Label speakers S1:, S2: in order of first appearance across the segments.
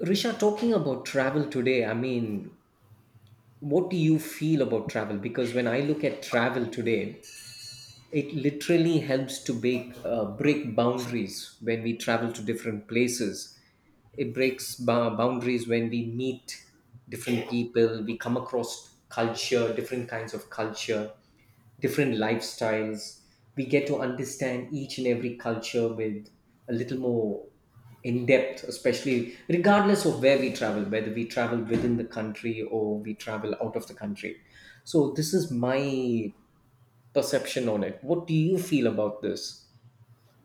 S1: Risha, talking about travel today, I mean, what do you feel about travel? Because when I look at travel today, it literally helps to break, break boundaries when we travel to different places. It breaks boundaries when we meet different people, we come across culture, different kinds of culture, different lifestyles. We get to understand each and every culture with a little more in depth, especially regardless of where we travel, whether we travel within the country or we travel out of the country. So, this is my perception on it. What do you feel about this?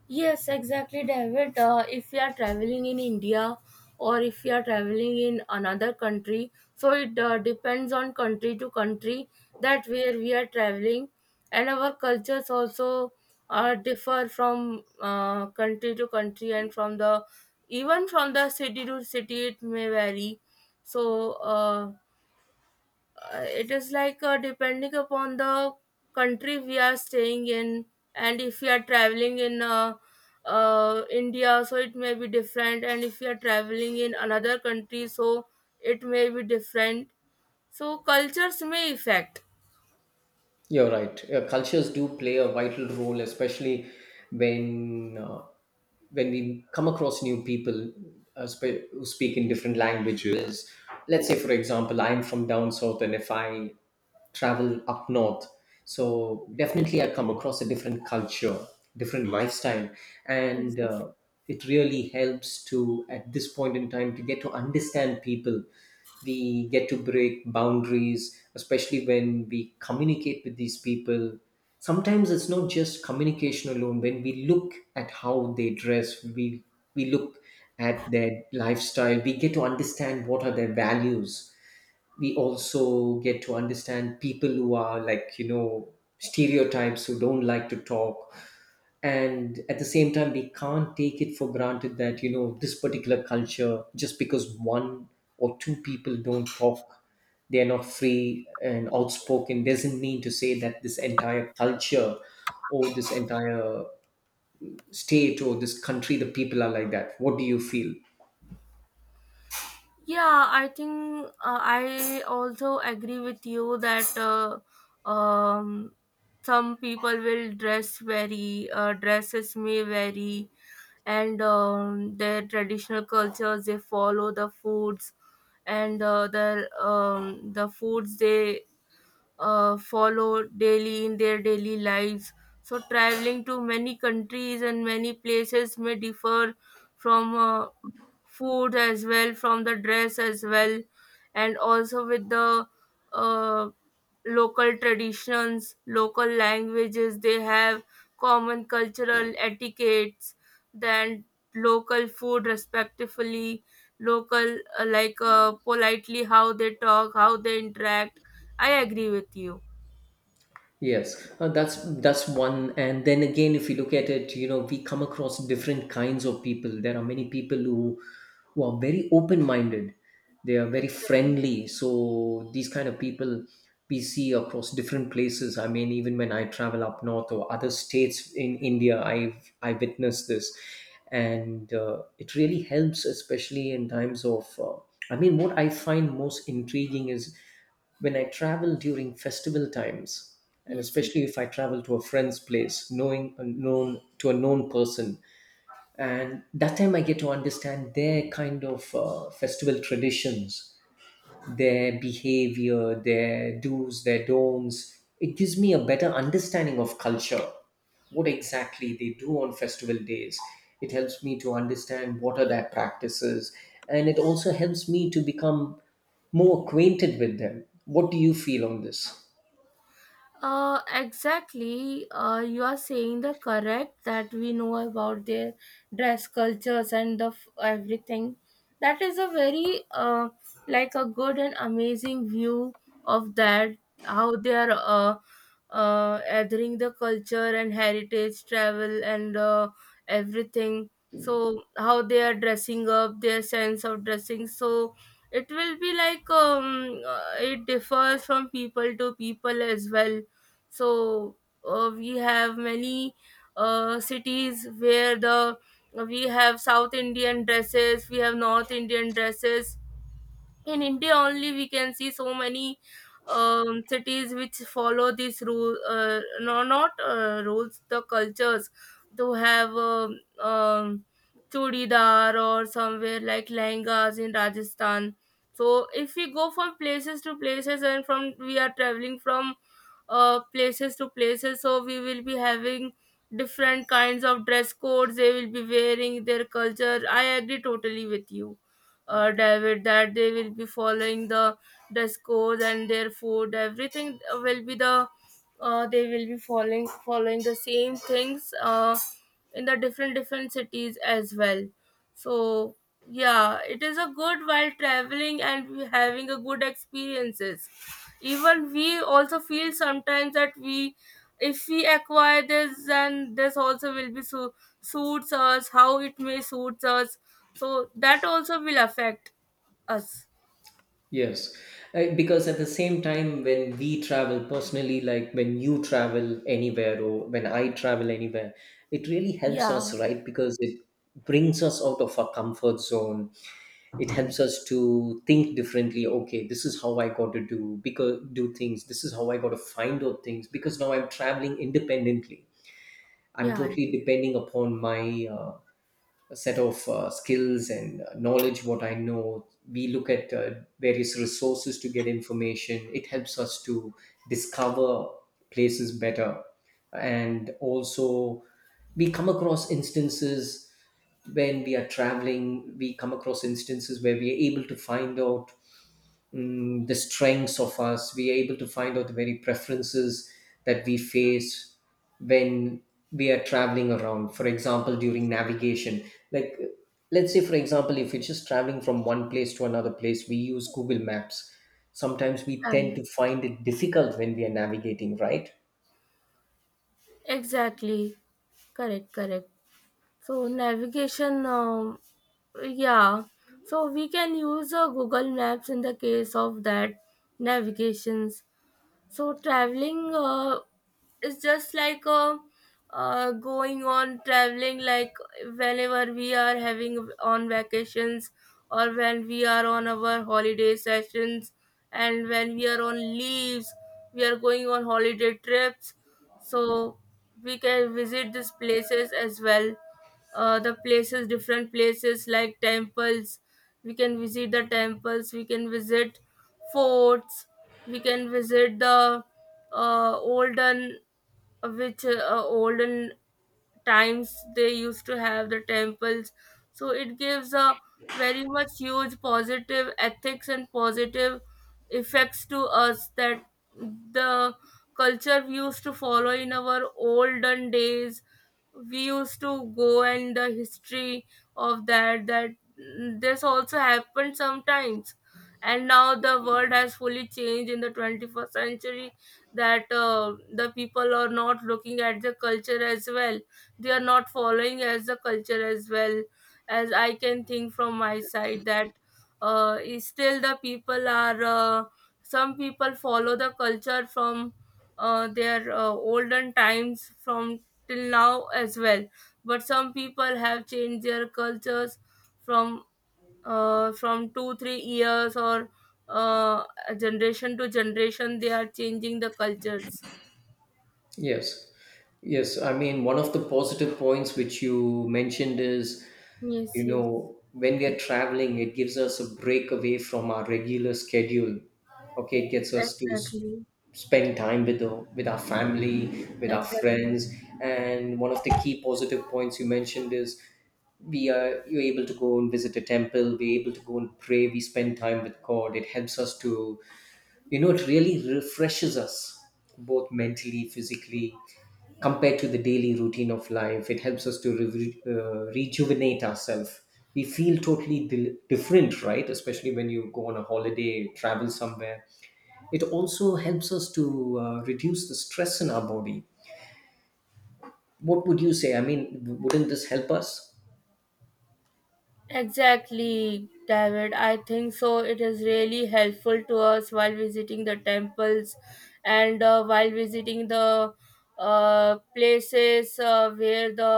S2: Yes, exactly, David. If you are traveling in India or if you are traveling in another country, so it depends on country to country that where we are traveling, and our cultures also differ from country to country, and from the even from the city to city it may vary. So it is like depending upon the country we are staying in, and if we are traveling in india, so it may be different, and if we are traveling in another country, so it may be different, so cultures may affect.
S1: You're right. Cultures do play a vital role, especially when uh, when we come across new people, who speak in different languages. Let's say, for example, I'm from down south, and if I travel up north, so definitely I come across a different culture, different lifestyle, and it really helps to at this point in time to get to understand people. We get to break boundaries, especially when we communicate with these people. Sometimes it's not just communication alone. When we look at how they dress, we look at their lifestyle, we get to understand what are their values. We also get to understand people who are, like, you know, stereotypes who don't like to talk. And at the same time, we can't take it for granted that, you know, this particular culture, just because one or two people don't talk, they're not free and outspoken, doesn't mean to say that this entire culture or this entire state or this country, the people are like that. What do you feel?
S2: Yeah, I think I also agree with you that some people will dress dresses may vary, and their traditional cultures, they follow the foods, and the foods they follow daily in their daily lives. So traveling to many countries and many places may differ from food as well, from the dress as well, and also with the uh, local traditions, local languages they have, common cultural etiquettes, then local food respectfully, local politely, how they talk, how they interact. I agree with you.
S1: Yes, that's one. And then again, if you look at it, you know, we come across different kinds of people. There are many people who are very open-minded. They are very
S2: Exactly.
S1: friendly. So these kind of people we see across different places. I mean, even when I travel up north or other states in India, I witnessed this, and it really helps, especially in times of. I mean, what I find most intriguing is when I travel during festival times, and
S2: Yes, yes.
S1: especially if I travel to a friend's place, knowing a known person, and that time I get to understand their kind of festival traditions, their behavior, their do's, their don'ts. It gives me a better understanding of culture, what exactly they do on festival days. It helps me to understand what are their practices, and it also helps me to become more acquainted with them. What do you feel on this?
S2: Exactly. You are saying the correct, that we know about their dress cultures and everything. That is a very like a good and amazing view of that, how they are adhering the culture and heritage, travel and everything. So how they are dressing up, their sense of dressing. So it will be like it differs from people to people as well. So we have many cities where the we have south indian dresses, we have north indian dresses. In India only we can see so many cities which follow these rule, no, not, rules, the cultures, to have um, chudidar, or somewhere like lehengas in Rajasthan. So if we go from places to places, and from we are traveling from places to places, so we will be having different kinds of dress codes, they will be wearing their culture. I agree totally with you, David, that they will be following the dress code and their food. Everything will be the they will be following the same things in the different different cities as well. So yeah, it is a good while traveling and having a good experiences. Even we also feel sometimes that we if we acquire this, then this also will be so suits us, how it may suits us, so that also will affect us.
S1: Yes. Because at the same time, when we travel personally, like when you travel anywhere or when I travel anywhere, it really helps us,
S2: Yeah,
S1: right? Because it brings us out of our comfort zone. It helps us to think differently. Okay, this is how I got to do, because do things. This is how I got to find out things because now I'm traveling independently. I'm
S2: yeah.
S1: totally depending upon my uh, a set of skills and knowledge what I know. We look at various resources to get information. It helps us to discover places better, and also we come across instances when we are traveling. We come across instances where we are able to find out, the strengths of us. We are able to find out the very preferences that we face when we are traveling around. For example, during navigation, like uh, let's say, for example, if we're just traveling from one place to another place, we use Google Maps. Sometimes we tend
S2: And
S1: to find it difficult when we are navigating, right?
S2: exactly. Correct, correct. So navigation, yeah, so we can use Google Maps in the case of that navigations. So traveling is just like going on traveling, like whenever we are having on vacations, or when we are on our holiday sessions, and when we are on leaves, we are going on holiday trips. So we can visit these places as well. The places, different places, like temples. We can visit the temples. We can visit forts. We can visit the uh, olden olden times they used to have the temples. So it gives a very much huge positive ethics and positive effects to us, that the culture we used to follow in our olden days, we used to go, and the history of that, this also happened sometimes. And now the world has fully changed in the 21st century, that the people are not looking at the culture as well, they are not following as the culture as well. As I can think from my side, that is still the people are some people follow the culture from their olden times from till now as well. But some people have changed their cultures from from 2 3 years, or uh, generation to generation, they are changing the cultures.
S1: Yes. Yes, I mean, one of the positive points which you mentioned is, you
S2: Yes, yes.
S1: know, when we are traveling, it gives us a break away from our regular schedule. Okay, it gets us to
S2: Exactly,
S1: spend time with the, with our family, with our
S2: exactly.
S1: friends, and one of the key positive points you mentioned is we are you're able to go and visit a temple, we're able to go and pray, we spend time with God. It helps us to, you know, it really refreshes us both mentally, physically, compared to the daily routine of life. It helps us to rejuvenate ourselves. We feel totally different, right? Especially when you go on a holiday, travel somewhere. It also helps us to reduce the stress in our body. What would you say? I mean, wouldn't this help us?
S2: Exactly, David. I think so. It is really helpful to us while visiting the temples, and while visiting the places where the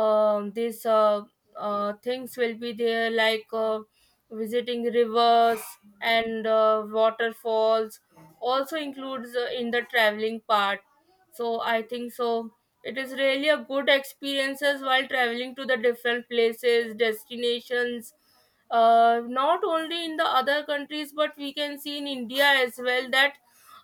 S2: these things will be there, like visiting rivers and waterfalls. Also includes in the traveling part. So I think so, it is really a good experiences while traveling to the different places, destinations. Not only in the other countries, but we can see in India as well, that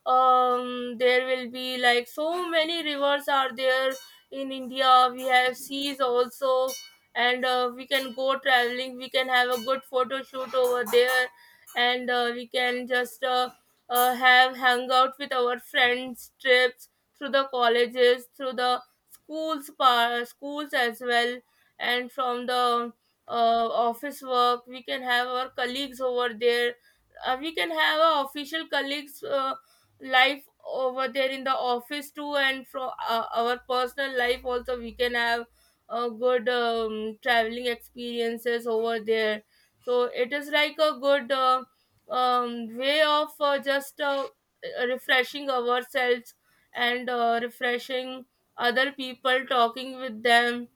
S2: there will be like so many rivers are there in India. We have seas also, and we can go traveling. We can have a good photo shoot over there, and we can just have hang out with our friends, trips through the colleges, through the schools as well, and from the office work, we can have our colleagues over there, we can have our official colleagues life over there in the office too, and from our personal life also we can have a good traveling experiences over there. So it is like a good way of just refreshing ourselves and refreshing other people talking with them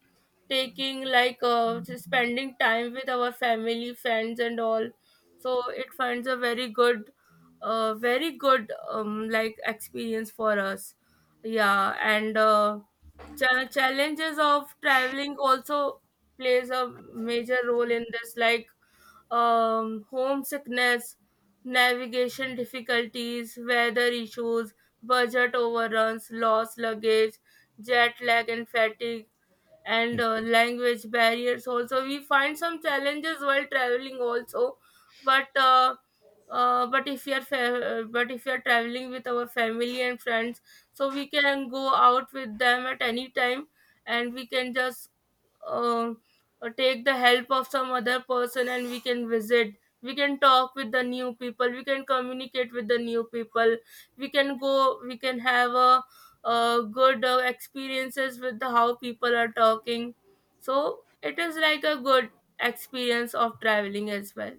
S2: taking like just spending time with our family friends and all so it finds a very good very good like experience for us. Yeah. And challenges of traveling also plays a major role in this, like homesickness, navigation difficulties, weather issues, budget overruns, lost luggage, jet lag and fatigue, and language barriers. Also, we find some challenges while traveling. Also, but uh, but if you're traveling with our family and friends, so we can go out with them at any time, and we can just uh, take the help of some other person, and we can talk with the new people, we can communicate with the new people, we can have a good experiences with the how people are talking. So it is like a good experience of traveling as well.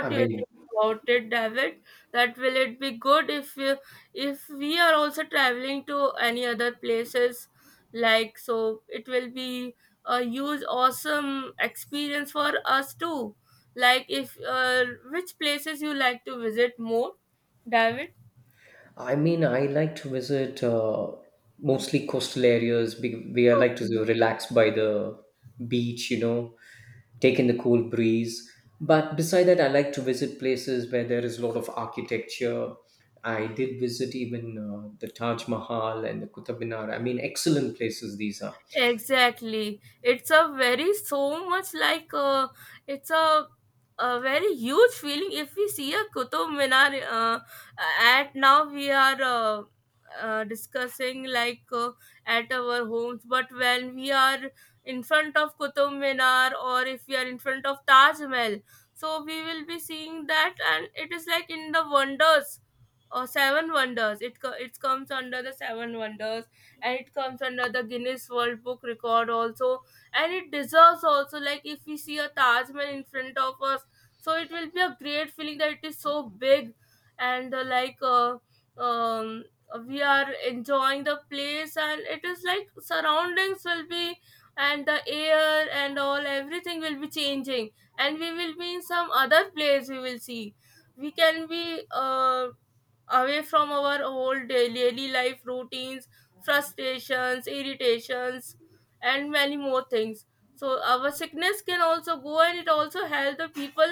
S1: I
S2: do you
S1: mean,
S2: think about it, David? That, will it be good if if we are also traveling to any other places, like, so it will be a huge awesome experience for us too. Like, if which places you like to visit more, David?
S1: I like to visit mostly coastal areas. Be- We I like to
S2: Okay.
S1: relax by the beach, you know, take in the cool breeze. But beside that, I like to visit places where there is a lot of architecture. I did visit even the Taj Mahal and the Qutub Minar. I mean, excellent places these are.
S2: Exactly. It's a very huge feeling if we see a Qutub Minar. At now we are discussing like at our homes, but when we are in front of Qutub Minar, or if we are in front of Taj Mahal, so we will be seeing that, and it is like in the wonders, seven wonders, it comes under the seven wonders, and it comes under the Guinness World Book Record also. And it deserves also, like if we see a Taj Mahal in front of us, so it will be a great feeling that it is so big. And um we are enjoying the place, and it is like surroundings will be, and the air and all, everything will be changing, and we will be in some other place, we will see we can be uh, away from our old daily life routines, frustrations, irritations, and many more things. So our sickness can also go, and it also helps the people,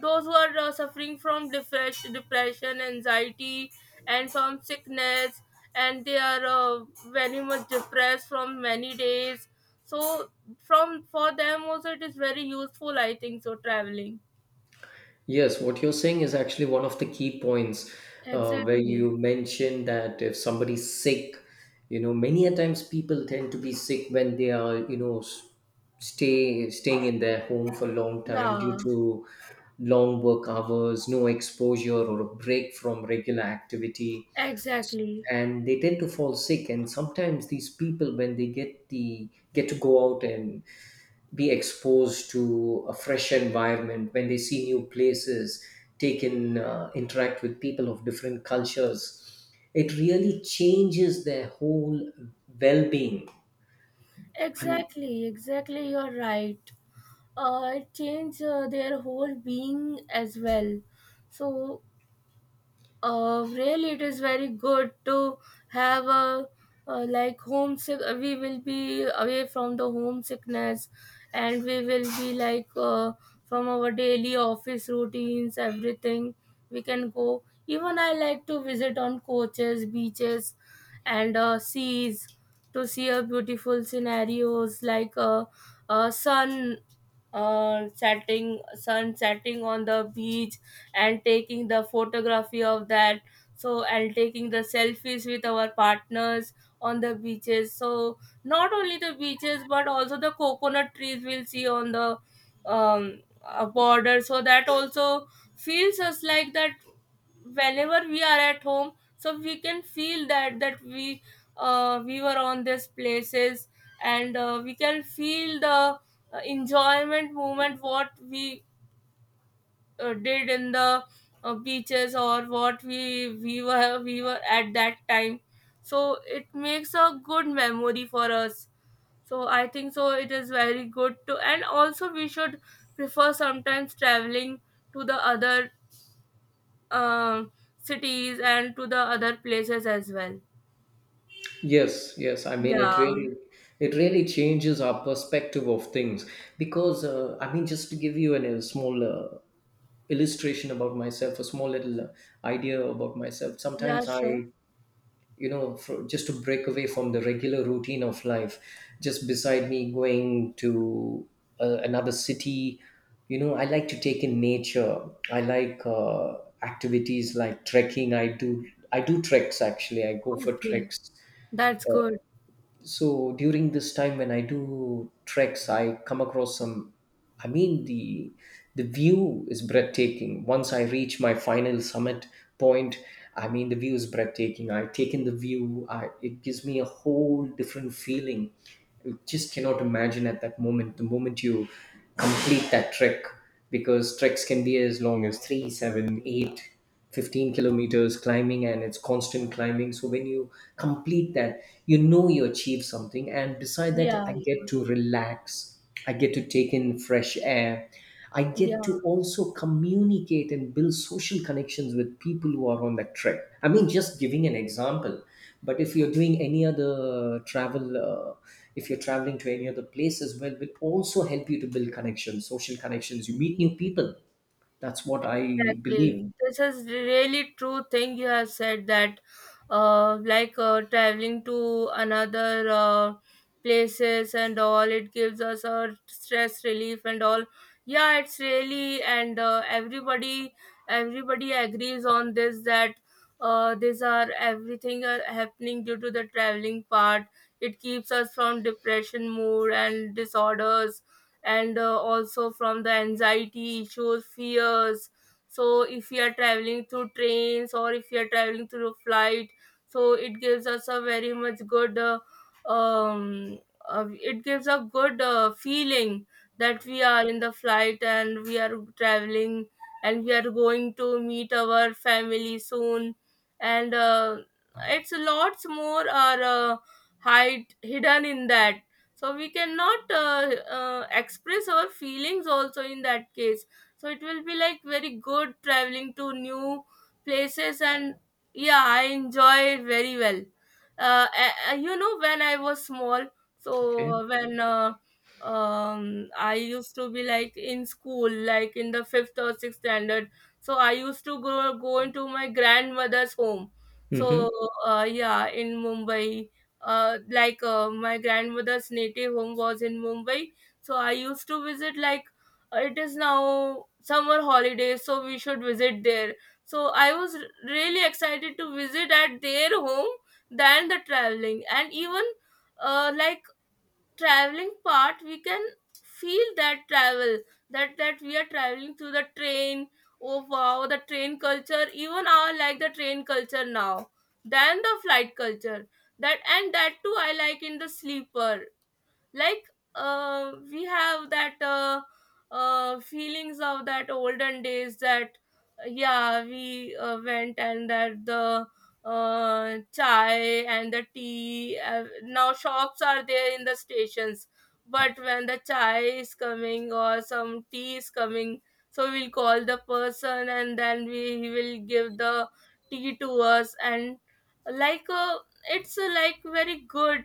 S2: those who are suffering from depression, anxiety, and from sickness, and they are very much depressed from many days. So from for them also it is very useful, I think so, traveling.
S1: Yes, what you're saying is actually one of the key points where
S2: Exactly.
S1: you mentioned that if somebody's sick, you know, many a times people tend to be sick when they are, you know, staying in their home for a long time due
S2: Yeah.
S1: to long work hours, no exposure or a break from regular activity,
S2: Exactly.
S1: and they tend to fall sick. And sometimes these people, when they get to go out and be exposed to a fresh environment, when they see new places, take in interact with people of different cultures, it really changes their whole well-being. And
S2: Exactly, exactly, you're right. It changed their whole being as well. So really it is very good to have a like homesick, we will be away from the homesickness, and we will be like from our daily office routines, everything, we can go. Even I like to visit on coaches, beaches, and seas, to see a beautiful scenarios, like sun, setting sun setting on the beach, and taking the photography of that. So, and taking the selfies with our partners on the beaches. So not only the beaches, but also the coconut trees we'll see on the border, so that also feels us like that, whenever we are at home, so we can feel that we were on these places. And we can feel the enjoyment moment what we did in the beaches, or what we were at that time, so it makes a good memory for us. So I think so it is very good to, and also we should prefer sometimes traveling to the other um, cities, and to the other places as well.
S1: yes, yes, I mean
S2: Yeah.
S1: it really, it really changes our perspective of things because I mean, just to give you a small illustration about myself, a small little idea about myself.
S2: Yeah,
S1: Sometimes I,
S2: sure.
S1: you know, just to break away from the regular routine of life, just beside me going to another city, you know, I like to take in nature. I like activities like trekking. I do treks actually. I go for
S2: Okay.
S1: treks.
S2: That's good.
S1: So during this time when I do treks, I come across some, I mean the view is breathtaking once I reach my final summit point. I mean the view is breathtaking. I take in the view. It gives me a whole different feeling. You just cannot imagine at that moment, the moment you complete that trek, because treks can be as long as 3, 7, 8 15 kilometers climbing, and it's constant climbing. So when you complete that, you know, you achieve something, and beside that,
S2: Yeah,
S1: I get
S2: yeah.
S1: to relax. I get to take in fresh air. I get
S2: Yeah.
S1: to also communicate and build social connections with people who are on that trip. I mean, just giving an example. But if you're doing any other travel, if you're traveling to any other place as well, will also help you to build connections, social connections, you meet new people. That's what I believe.
S2: Exactly. This is really true thing you have said that traveling to another places and all it gives us a stress relief and all. Yeah, it's really and everybody agrees on this that these are everything are happening due to the traveling part. It keeps us from depression mood and disorders and also from the anxiety issues, fears, so if we are traveling through trains or if we are traveling through flight, so it gives us a very much good um it gives a good feeling that we are in the flight and we are traveling and we are going to meet our family soon, and it's lots more are hide hidden in that, so we cannot express our feelings also in that case. So it will be like very good traveling to new places and yeah, I enjoy very well. You know when I was small,
S1: Okay.
S2: so when I used to be like in school like in the fifth or sixth standard, so I used to go into my grandmother's home.
S1: Mm-hmm.
S2: So yeah, in Mumbai. My grandmother's native home was in Mumbai, so I used to visit like it is now summer holidays, so we should visit there. So I was really excited to visit at their home than the traveling. And even uh, like traveling part, we can feel that travel, that we are traveling through the train. Oh wow, the train culture, even I like the train culture now than the flight culture. That and that too I like in the sleeper. Like we have that feelings of that olden days, that yeah, we went and that the chai and the tea now shops are there in the stations. But when the chai is coming or some tea is coming, so we'll call the person and then we he will give the tea to us. And like it's like very good.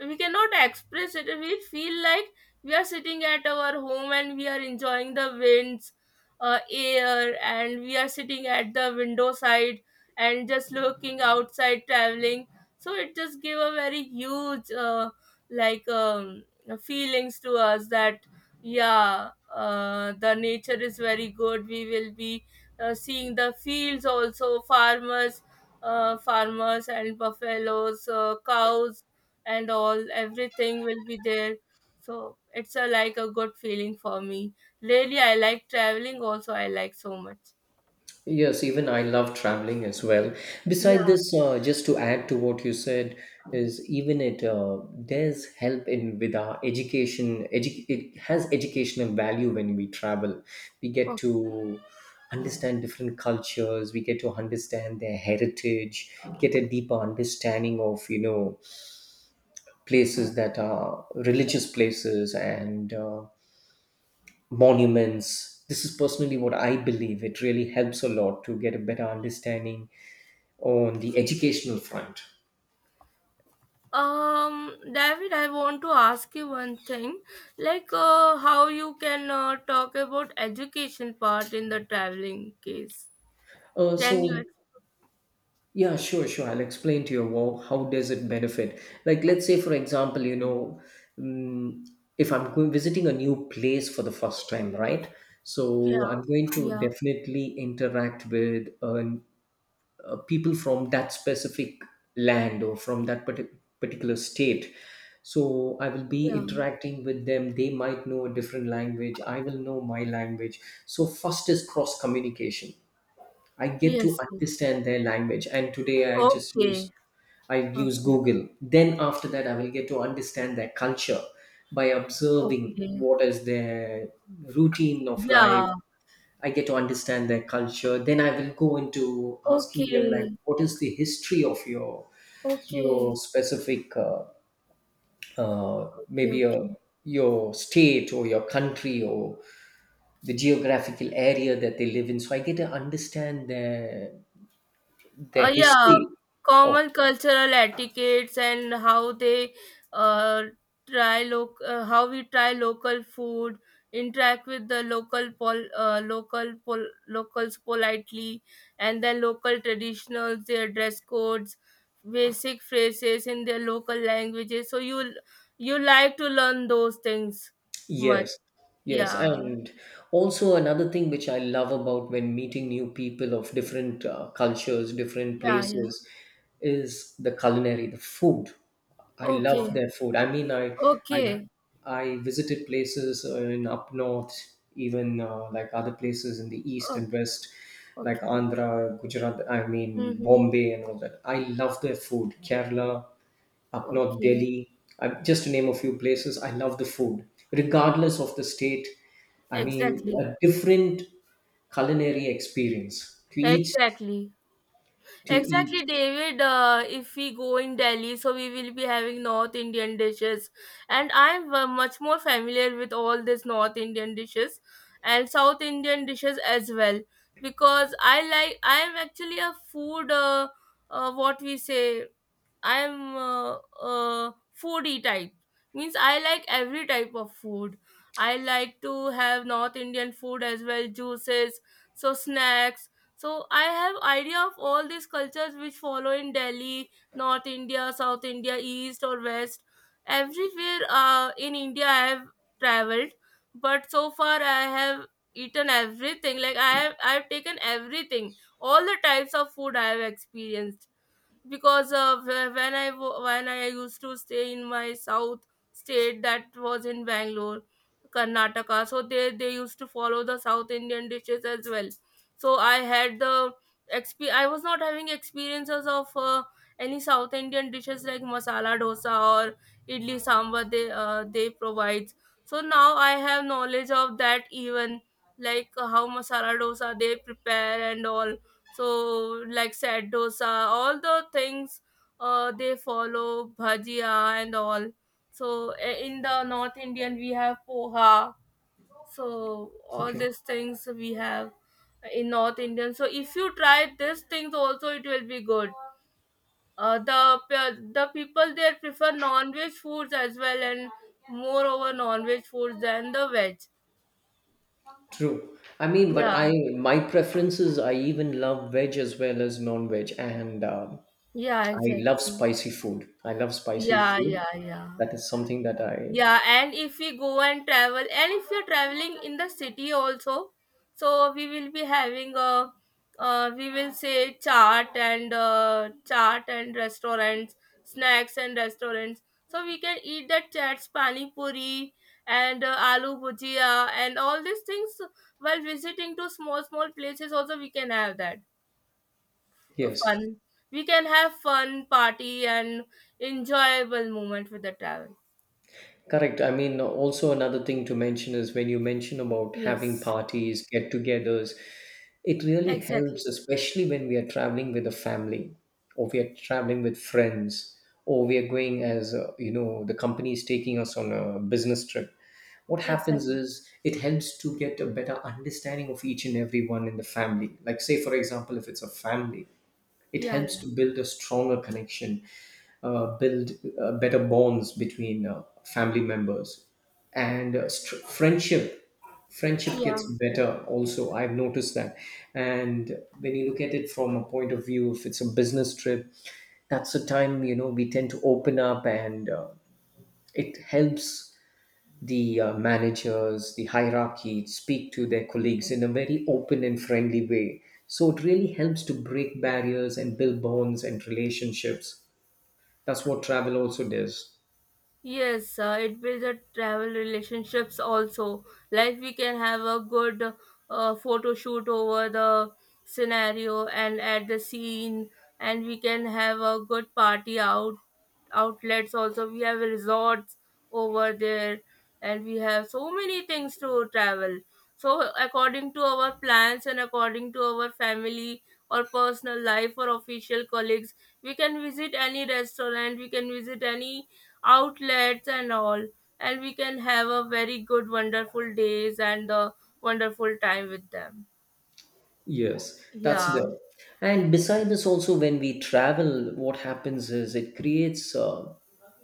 S2: We cannot express it. We feel like we are sitting at our home and we are enjoying the winds, air, and we are sitting at the window side and just looking outside traveling. So it just gave a very huge like um, feelings to us, that yeah, the nature is very good. We will be seeing the fields also, farmers, farmers and buffaloes, cows, and all everything will be there. So it's a like a good feeling for me. Really, I like traveling also, I like so much.
S1: Yes, even I love traveling as well. Beside
S2: Yeah.
S1: this, just to add to what you said, is even it does help in with our education. It has educational value when we travel. We get
S2: Okay.
S1: to understand different cultures. We get to understand their heritage. Get a deeper understanding of, you know, places that are religious places and. Monuments. This is personally what I believe. It really helps a lot to get a better understanding on the educational front.
S2: David, I want to ask you one thing, like how you can talk about education part in the traveling case.
S1: Uh,
S2: Can you
S1: so yeah, sure, sure. I'll explain to you how does it benefit. Like, let's say for example, you know, mm, if I'm going visiting a new place for the first time, right? So
S2: yeah,
S1: I'm going to
S2: yeah,
S1: definitely interact with a people from that specific land or from that particular state. So I will be
S2: yeah,
S1: interacting with them. They might know a different language, I will know my language. So first is cross communication. I get to
S2: yes, yes,
S1: understand their language, and today I just
S2: okay,
S1: use, I use
S2: okay,
S1: Google. Then after that, I will get to understand their culture by observing
S2: okay,
S1: what is their routine of life.
S2: yeah,
S1: I get to understand their culture. Then I will go into asking them, like,
S2: okay,
S1: what is the history of your
S2: okay,
S1: specific uh,
S2: okay,
S1: maybe a,
S2: okay.
S1: your state or your country or the geographical area that they live in. So I get to understand their
S2: Yeah,
S1: history.
S2: common cultural etiquettes and how they uh, try loc how we try local food, interact with the locals politely, and then local traditionals, their dress codes, basic phrases in their local languages. So you like to learn those things much.
S1: Yes, yes.
S2: Yeah,
S1: And also, another thing which I love about when meeting new people of different cultures, different
S2: yeah, yeah.
S1: places, is the culinary, the food. I love
S2: Okay,
S1: their food. I mean, I,
S2: okay,
S1: I visited places in up north, even like other places in the east and
S2: okay,
S1: west, like
S2: okay.
S1: Andhra, Gujarat, I mean,
S2: Mm-hmm.
S1: Bombay, and all that. I love their food. Kerala, up north
S2: Okay.
S1: Delhi, just to name a few places. I love the food, regardless of the state. I mean,
S2: Exactly.
S1: a different culinary experience to each,
S2: Exactly.
S1: to each.
S2: Exactly, David. If we go in Delhi, so we will be having North Indian dishes, and I'm much more familiar with all these North Indian dishes and South Indian dishes as well, because I like. I am actually a food. What we say, I am foodie type. Means I like every type of food. I like to have North Indian food as well, juices, so snacks. So I have idea of all these cultures which follow in Delhi, North India, South India, East or West. Everywhere in India I have traveled, but so far I have eaten everything. Like I have taken everything. All the types of food I have experienced, because when I used to stay in my south state, that was in Bangalore, Karnataka. So they used to follow the South Indian dishes as well. So I had the I was not having experiences of any South Indian dishes like masala dosa or idli sambar they provide. So now I have knowledge of that even, like how masala dosa they prepare and all. So like said dosa, all the things they follow bhajia and all. So in the North Indian we have poha. So all
S1: Okay,
S2: these things we have in North Indian. So if you try these things also, it will be good. The people there prefer non-veg foods as well, and moreover non-veg foods than the veg.
S1: true. I mean, but
S2: Yeah,
S1: I, my preferences. I even love veg as well as non-veg, and um,
S2: yeah,
S1: I love
S2: exactly.
S1: spicy food. I love spicy
S2: Yeah,
S1: food.
S2: yeah, yeah.
S1: That is something that I,
S2: Yeah, and if we go and travel, and if you're traveling in the city also, so we will be we will say chart and chart and restaurants, snacks and restaurants. So we can eat that chats, pani puri, and aloo bhujia, and all these things while visiting to small small places. Also, we can have that
S1: yes.
S2: fun. We can have fun party and enjoyable moment with the travel.
S1: Correct. I mean, also another thing to mention is when you mention about having
S2: Yes,
S1: parties, get togethers, it really helps,
S2: exactly.
S1: especially when we are traveling with a family or we are traveling with friends or we are going as, you know, the company is taking us on a business trip. What happens
S2: Exactly.
S1: is it helps to get a better understanding of each and everyone in the family. Like, say, for example, if it's a family, it
S2: Yeah,
S1: helps
S2: yeah.
S1: to build a stronger connection, build better bonds between family members, and friendship, friendship
S2: Yeah.
S1: gets better also, I've noticed that. And when you look at it from a point of view, if it's a business trip, that's the time, you know, we tend to open up, and it helps the managers, the hierarchy speak to their colleagues in a very open and friendly way. So it really helps to break barriers and build bonds and relationships. That's what travel also does.
S2: Yes, it builds a travel relationships also. Like we can have a good photo shoot over the scenario and at the scene, and we can have a good party, out outlets also. We have resorts over there, and we have so many things to travel. So according to our plans and according to our family or personal life or official colleagues, we can visit any restaurant. We can visit any outlets and all, and we can have a very good wonderful days and a wonderful time with them.
S1: Yes, that's
S2: Yeah.
S1: there. And beside this, also when we travel, what happens is it creates,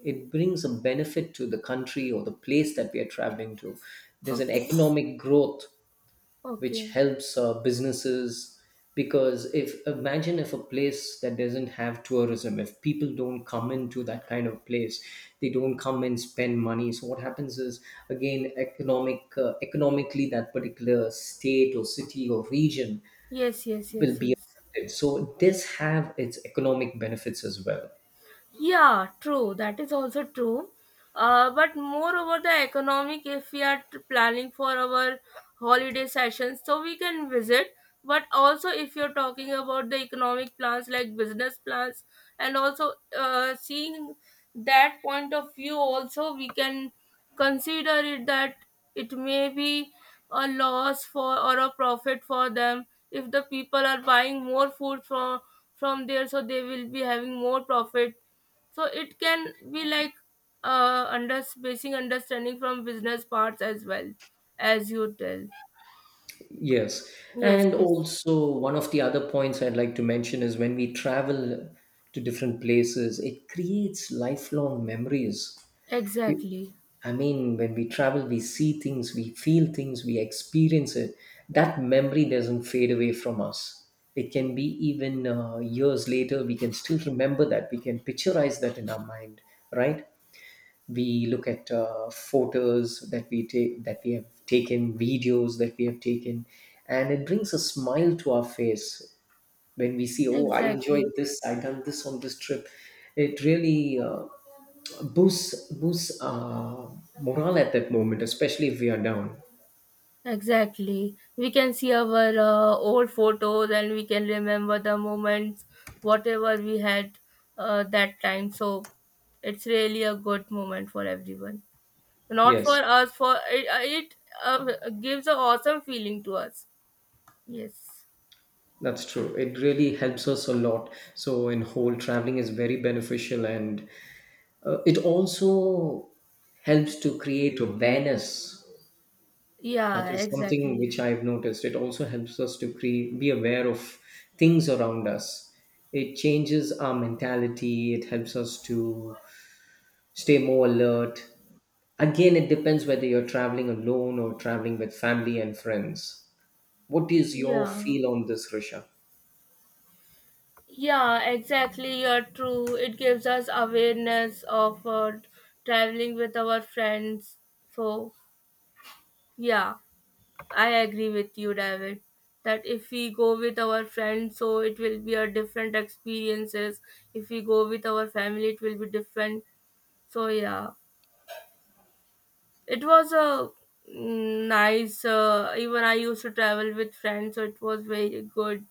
S1: it brings a benefit to the country or the place that we are traveling to. There's an
S2: Okay.
S1: economic growth which
S2: Okay.
S1: helps businesses. Because if, imagine if a place that doesn't have tourism, if people don't come into that kind of place, they don't come and spend money, so what happens is, again, economically that particular state or city or region
S2: Yes, yes, yes,
S1: will be
S2: yes.
S1: affected. So this have its economic benefits as well.
S2: Yeah, true, that is also true. But moreover, the economic, if we are planning for our holiday sessions, so we can visit. But also, if you're talking about the economic plans like business plans, and also seeing that point of view, also we can consider it that it may be a loss for or a profit for them. If the people are buying more food from there, so they will be having more profit. So it can be like under basic understanding from business parts as well, as you tell.
S1: Yes.
S2: Yes,
S1: And
S2: yes.
S1: also, one of the other points I'd like to mention is when we travel to different places, it creates lifelong memories. It-
S2: Exactly.
S1: I mean, when we travel, we see things, we feel things, we experience it. That memory doesn't fade away from us. It can be even years later, we can still remember that. We can picturize that in our mind, right? We look at photos that we take, that we have taken, videos that we have taken, and it brings a smile to our face when we see, oh, I enjoyed
S2: Exactly.
S1: this, I done this on this trip. It really boosts morale at that moment, especially if we are down.
S2: Exactly, we can see our old photos and we can remember the moments whatever we had that time. So it's really a good moment for everyone, not for
S1: Yes,
S2: us, it gives an awesome feeling to us. Yes.
S1: that's true, it really helps us a lot. So in whole, traveling is very beneficial, and it also helps to create awareness. That
S2: Yeah,
S1: is something
S2: exactly.
S1: which I've noticed. It also helps us to create, be aware of things around us. It changes our mentality. It helps us to stay more alert. Again, it depends whether you're traveling alone or traveling with family and friends. What is your
S2: Yeah.
S1: feel on this, Risha?
S2: Yeah, exactly. You're true. It gives us awareness of traveling with our friends. So, yeah, I agree with you, David. That if we go with our friends, so it will be a different experiences. If we go with our family, it will be different. So, yeah, it was a mm, nice. Even I used to travel with friends, so it was very good.